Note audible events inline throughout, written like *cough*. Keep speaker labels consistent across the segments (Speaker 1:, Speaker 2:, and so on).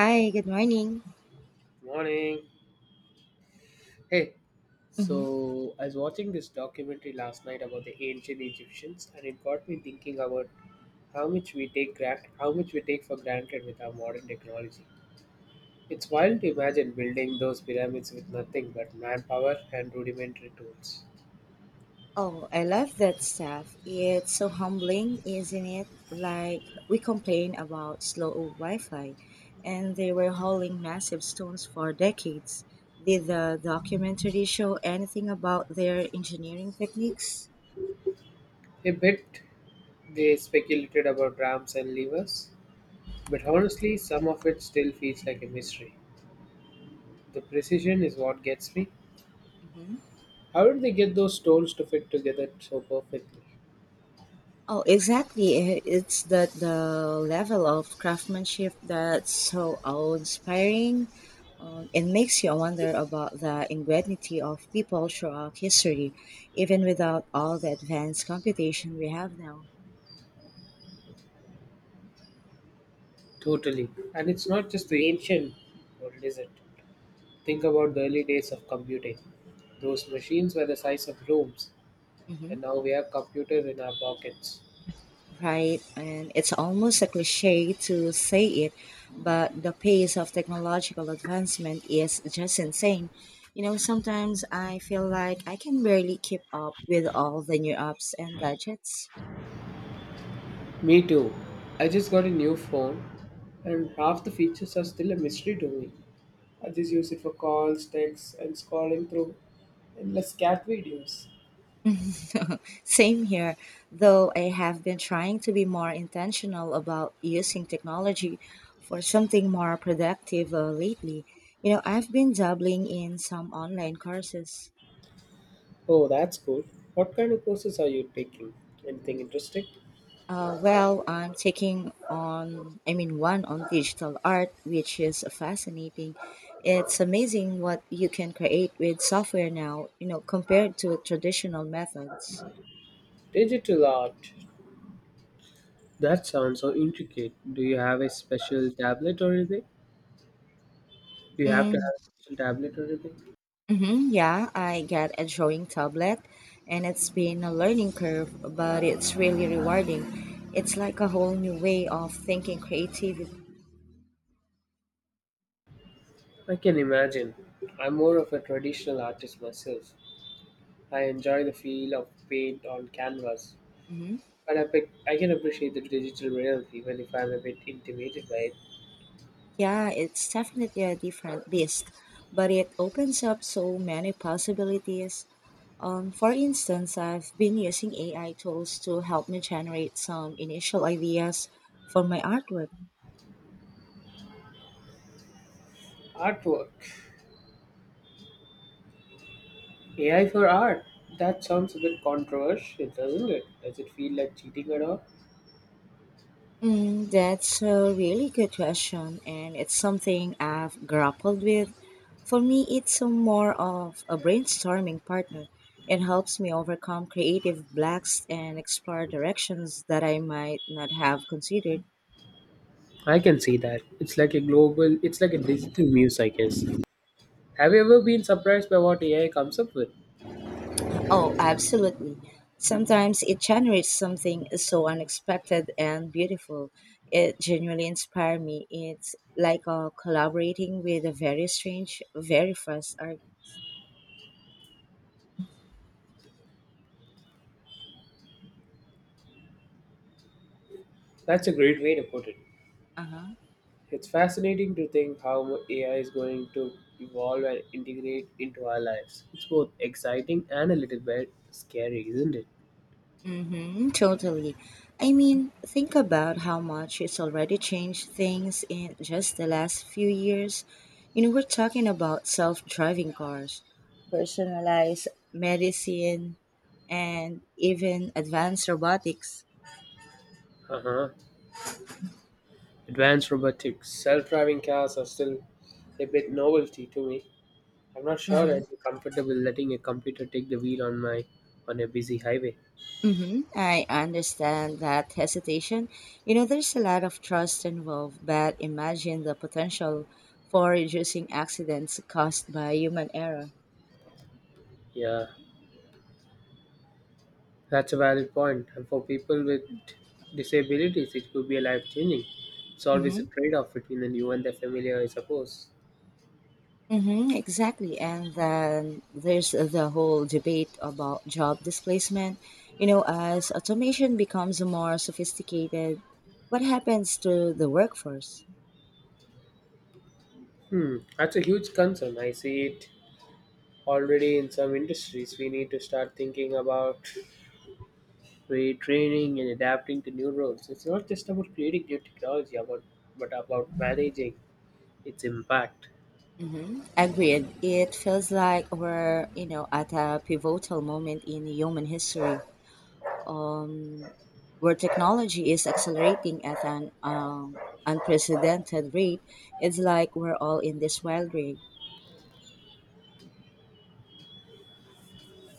Speaker 1: Hi, good morning.
Speaker 2: Morning. Hey,
Speaker 1: hmm
Speaker 2: so I was watching this documentary last night about the ancient Egyptians, and it got me thinking about how much we take for granted with our modern technology. It's wild to imagine building those pyramids with nothing but manpower and rudimentary tools.
Speaker 1: Oh, I love that stuff. It's so humbling, isn't it? Like, we complain about slow Wi Fi, and they were hauling massive stones for decades. Did the documentary show anything about their engineering techniques?
Speaker 2: A bit, they speculated about ramps and levers, but honestly, some of it still feels like a mystery. The precision is what gets me. How did they get those tools to fit together so perfectly?
Speaker 1: Oh, exactly. It's that the level of craftsmanship that's so awe-inspiring, and makes you wonder about the ingenuity of people throughout history, even without all the advanced computation we have now.
Speaker 2: Totally. And it's not just the ancient world, is it? Think about the early days of computing. Those machines were the size of rooms,
Speaker 1: hmm
Speaker 2: and now we have computers in our pockets.
Speaker 1: Right, and it's almost a cliche to say it, but the pace of technological advancement is just insane. You know, sometimes I feel like I can barely keep up with all the new apps and gadgets.
Speaker 2: Me too. I just got a new phone, and half the features are still a mystery to me. I just use it for calls, texts, and scrolling through endless cat videos.
Speaker 1: Same here, though I have been trying to be more intentional about using technology for something more productive lately. You know, I've been dabbling in some online courses.
Speaker 2: Oh, that's cool. What kind of courses are you taking? Anything interesting?
Speaker 1: Well, I'm I mean, one on digital art, which is fascinating. It's amazing what you can create with software now, you know, compared to traditional methods.
Speaker 2: Digital art. That sounds so intricate. Do you have to
Speaker 1: Mm-hmm.
Speaker 2: have a special tablet or anything?
Speaker 1: Mm-hmm, yeah, I got a drawing tablet, and it's been a learning curve, but it's really rewarding. It's like a whole new way of thinking creativity.
Speaker 2: I can imagine. I'm more of a traditional artist myself. I enjoy the feel of paint on canvas,
Speaker 1: Mhm.
Speaker 2: but I can appreciate the digital reality even if I'm a bit intimidated by it.
Speaker 1: Yeah, it's definitely a different beast, but it opens up so many possibilities. For instance, I've been using AI tools to help me generate some initial ideas for my artwork.
Speaker 2: Artwork. AI for art. That sounds a bit controversial, doesn't it? Does it feel like cheating at all?
Speaker 1: That's a really good question, and it's something I've grappled with. For me, it's a more of a brainstorming partner. It helps me overcome creative blocks and explore directions that I might not have considered.
Speaker 2: I can see that. It's like a digital muse, I guess. Have you ever been surprised by what AI comes up with?
Speaker 1: Oh, absolutely. Sometimes it generates something so unexpected and beautiful. It genuinely inspires me. It's like collaborating with a very strange, very fast art.
Speaker 2: That's a great way to put it.
Speaker 1: Uh huh.
Speaker 2: It's fascinating to think how AI is going to evolve and integrate into our lives. It's both exciting and a little bit scary, isn't it?
Speaker 1: Mm-hmm, totally. I mean, think about how much it's already changed things in just the last few years. You know, we're talking about self driving cars, personalized medicine, and even advanced robotics.
Speaker 2: Uh huh. Advanced robotics, self driving cars are still a bit novelty to me. I'm not sure
Speaker 1: Mm-hmm.
Speaker 2: I'd be comfortable letting a computer take the wheel on my on a busy highway.
Speaker 1: Mm-hmm. I understand that hesitation. You know, there's a lot of trust involved, but imagine the potential for reducing accidents caused by human error.
Speaker 2: Yeah, that's a valid point, and for people with disabilities, it could be a life changing. It's always a trade off between the new and the familiar, I suppose.
Speaker 1: Mm-hmm, exactly. And then there's the whole debate about job displacement. You know, as automation becomes more sophisticated, what happens to the workforce?
Speaker 2: Hmm, that's a huge concern. I see it already in some industries. We need to start thinking about retraining and adapting to new roles. It's not just about creating new technology, about but about managing its impact.
Speaker 1: Mm-hmm. Agreed. It feels like we're, you know, at a pivotal moment in human history, um, where technology is accelerating at an unprecedented rate. It's like we're all in this wild ride.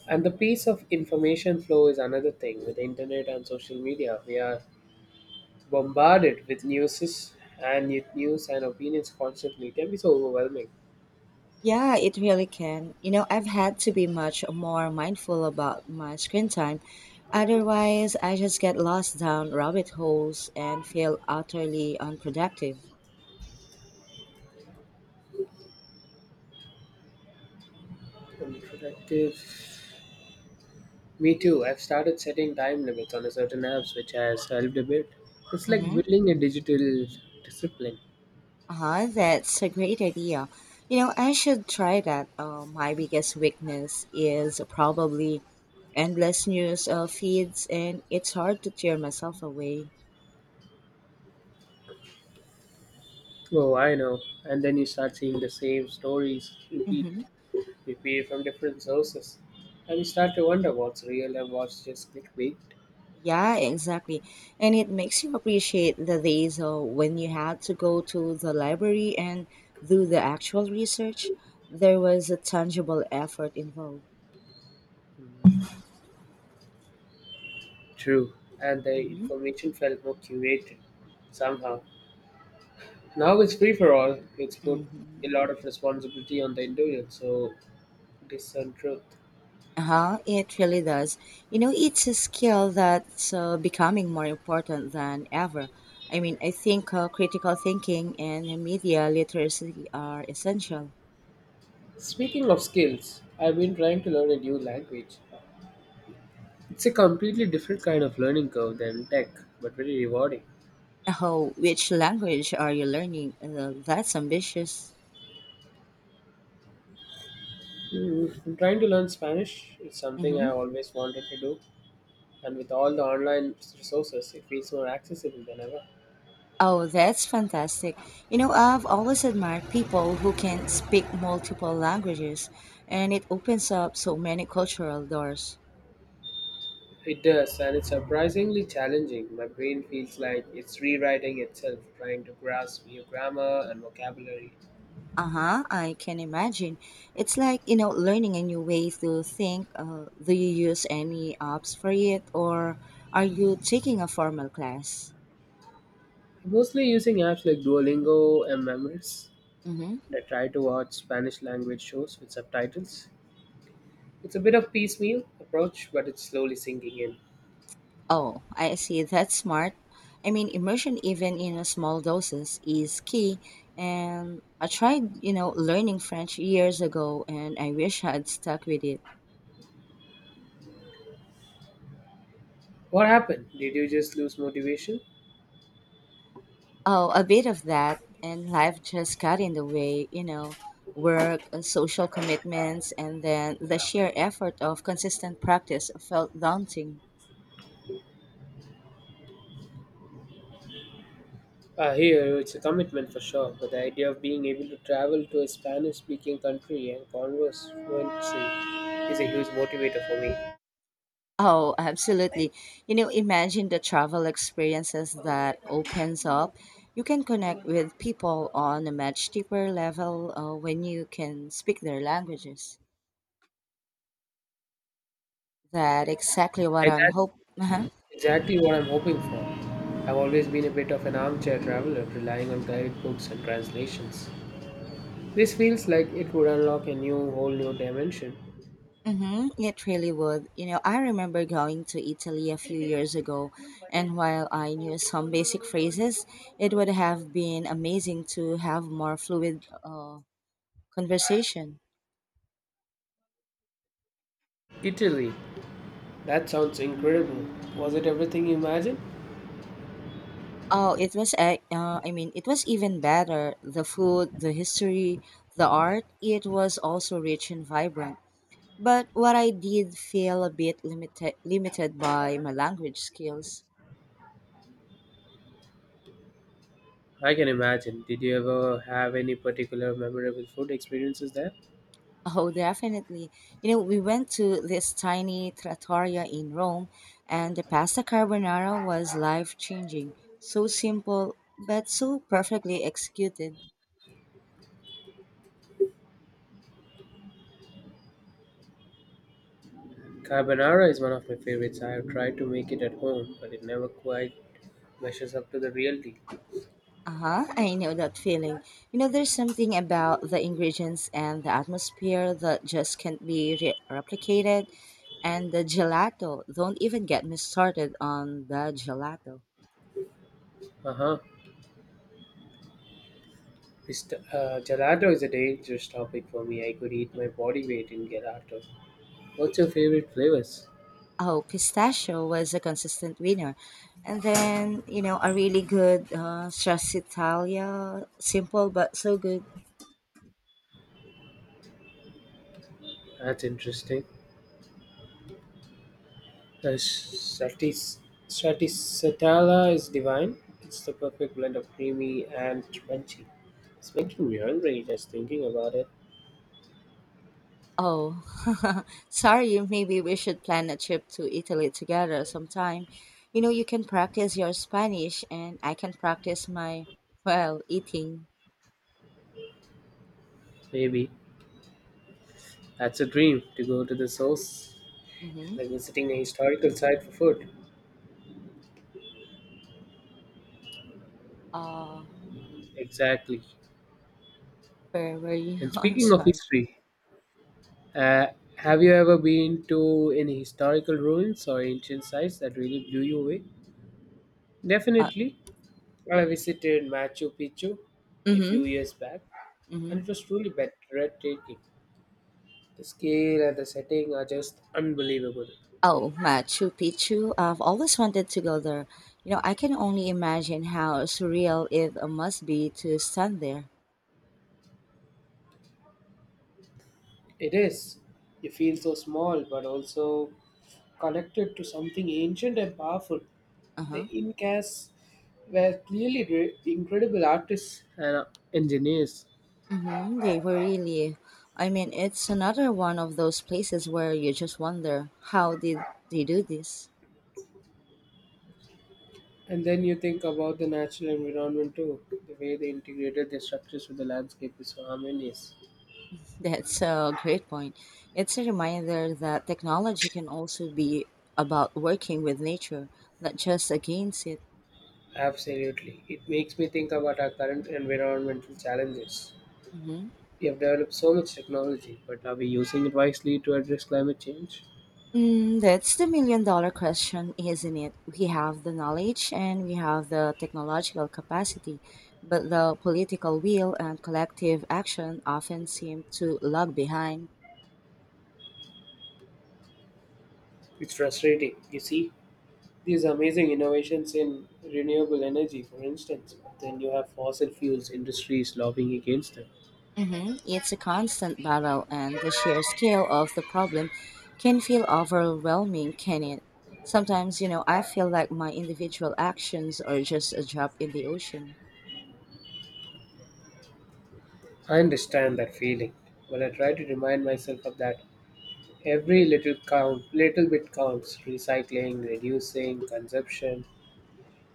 Speaker 2: And the piece of information flow is another thing with the internet and social media. We are bombarded with news and opinions constantly. It can be so overwhelming
Speaker 1: Yeah, it really can. You know, I've had to be much more mindful about my screen time. Otherwise, I just get lost down rabbit holes and feel utterly unproductive.
Speaker 2: and productive. Me too. I've started setting time limits on a certain apps, which has helped a bit. It's like
Speaker 1: Mm-hmm.
Speaker 2: building a digital discipline.
Speaker 1: Uh-huh, that's a great idea. You know, I should try that. My biggest weakness is probably endless news feeds, and it's hard to tear myself away.
Speaker 2: Oh, I know. And then you start seeing the same stories
Speaker 1: Mm-hmm.
Speaker 2: repeat from different sources, and you start to wonder what's real and what's just clickbait.
Speaker 1: Yeah, exactly. And it makes you appreciate the days when you had to go to the library and do the actual research. There was a tangible effort involved.
Speaker 2: True. And the
Speaker 1: Mm-hmm.
Speaker 2: information felt more curated somehow. Now it's free for all. It's put a
Speaker 1: Mm-hmm.
Speaker 2: lot of responsibility on the individual, so it is untruth.
Speaker 1: Uh-huh, it really does. You know, it's a skill that's becoming more important than ever. I mean, I think critical thinking and media literacy are essential.
Speaker 2: Speaking of skills, I've been trying to learn a new language. It's a completely different kind of learning curve than tech, but very rewarding.
Speaker 1: Oh, which language are you learning? That's ambitious.
Speaker 2: Mm, I'm trying to learn Spanish. It's something I
Speaker 1: Mm-hmm.
Speaker 2: always wanted to do, and with all the online resources, it feels more accessible than ever.
Speaker 1: Oh, that's fantastic. You know, I've always admired people who can speak multiple languages, and it opens up so many cultural doors.
Speaker 2: It does, and it's surprisingly challenging. My brain feels like it's rewriting itself, trying to grasp new grammar and vocabulary.
Speaker 1: Uh huh, I can imagine. It's like, you know, learning a new way to think. Do you use any apps for it, or are you taking a formal class?
Speaker 2: Mostly using apps like Duolingo and Memories.
Speaker 1: Mm hmm.
Speaker 2: I try to watch Spanish language shows with subtitles. It's a bit of piecemeal approach, but it's slowly sinking in.
Speaker 1: Oh, I see. That's smart. I mean, immersion, even in a small doses, is key. And I tried, you know, learning French years ago, and I wish I'd stuck with it.
Speaker 2: What happened? Did you just lose motivation?
Speaker 1: Oh, a bit of that, and life just got in the way, you know, work, social commitments, and then the sheer effort of consistent practice felt daunting.
Speaker 2: Here, it's a commitment for sure, but the idea of being able to travel to a Spanish speaking country and converse fluently is a huge motivator for me.
Speaker 1: Oh, absolutely. You know, imagine the travel experiences that opens up. You can connect with people on a much deeper level when you can speak their languages. That exactly what
Speaker 2: And
Speaker 1: I'm
Speaker 2: that's
Speaker 1: hoping. Uh-huh.
Speaker 2: exactly what I'm hoping for. I've always been a bit of an armchair traveler, relying on guided books and translations. This feels like it would unlock a new whole new dimension.
Speaker 1: Mm-hmm, it really would. You know, I remember going to Italy a few years ago, and while I knew some basic phrases, it would have been amazing to have more fluid conversation.
Speaker 2: Italy. That sounds incredible. Was it everything you imagined?
Speaker 1: Oh, it was I mean, it was even better. The food, the history, the art, it was also rich and vibrant. But what I did feel a bit limited by my language skills. *laughs*
Speaker 2: I can imagine. Did you ever have any particular memorable food experiences there?
Speaker 1: Oh, definitely. You know, we went to this tiny trattoria in Rome, and the pasta carbonara was life-changing. So simple, but so perfectly executed.
Speaker 2: Carbonara is one of my favorites. I have tried to make it at home, but it never quite measures up to the reality.
Speaker 1: Uh-huh, I know that feeling. You know, there's something about the ingredients and the atmosphere that just can't be replicated. And the gelato, don't even get me started on the gelato.
Speaker 2: Uh-huh. Gelato is a dangerous topic for me. I could eat my body weight in gelato. What's your favorite flavors?
Speaker 1: Oh, pistachio was a consistent winner. And then, you know, a really good stracciatella, simple but so good.
Speaker 2: That's interesting. The satis- Satisatella is divine. It's the perfect blend of creamy and crunchy. It's making me hungry just thinking about it.
Speaker 1: Oh, *laughs* sorry, maybe we should plan a trip to Italy together sometime. You know, you can practice your Spanish, and I can practice my, well, eating.
Speaker 2: Maybe that's a dream to go to the source,
Speaker 1: Mm-hmm.
Speaker 2: like visiting a historical site for food.
Speaker 1: Uh,
Speaker 2: Exactly.
Speaker 1: where were you?
Speaker 2: And
Speaker 1: *laughs* I'm
Speaker 2: speaking of
Speaker 1: sorry.
Speaker 2: history, uh, have you ever been to any historical ruins or ancient sites that really blew you away?
Speaker 1: Uh,
Speaker 2: Definitely. I visited Machu Picchu a
Speaker 1: mm-hmm.
Speaker 2: few years back, and
Speaker 1: Mm-hmm.
Speaker 2: it was truly breathtaking. The scale and the setting are just unbelievable.
Speaker 1: Oh, Machu Picchu. I've always wanted to go there. You know, I can only imagine how surreal it must be to stand there.
Speaker 2: It is. You feel so small, but also connected to something ancient and powerful. The
Speaker 1: Uh-huh.
Speaker 2: Incas were incredible artists and engineers.
Speaker 1: They were, really. I mean, it's another one of those places where you just wonder how did they do this.
Speaker 2: And then you think about the natural environment too. The way they integrated their structures with the landscape is so harmonious.
Speaker 1: That's a great point. It's a reminder that technology can also be about working with nature, not just against it.
Speaker 2: Absolutely. It makes me think about our current environmental challenges.
Speaker 1: hmm
Speaker 2: We have developed so much technology, but are we using it wisely to address climate change?
Speaker 1: That's the million dollar question, isn't it? We have the knowledge and we have the technological capacity, but the political will and collective action often seem to lag behind.
Speaker 2: It's frustrating. You see, these amazing innovations in renewable energy, for instance, but then you have fossil fuels industries lobbying against them.
Speaker 1: It's a constant battle, and the sheer scale of the problem can feel overwhelming, can it? Sometimes, you know, I feel like my individual actions are just a drop in the ocean.
Speaker 2: I understand that feeling, but I try to remind myself of that. Little bit counts. Recycling, reducing consumption,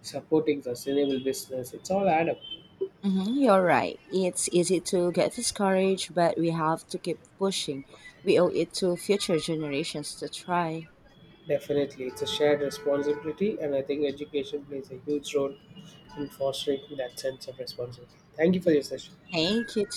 Speaker 2: supporting sustainable business. It's all add up.
Speaker 1: You're right. It's easy to get discouraged, but we have to keep pushing. We owe it to future generations to try.
Speaker 2: Definitely, it's a shared responsibility, and I think education plays a huge role and fostering that sense of responsibility. Thank you for
Speaker 1: Yeah.
Speaker 2: your session.
Speaker 1: Thank you.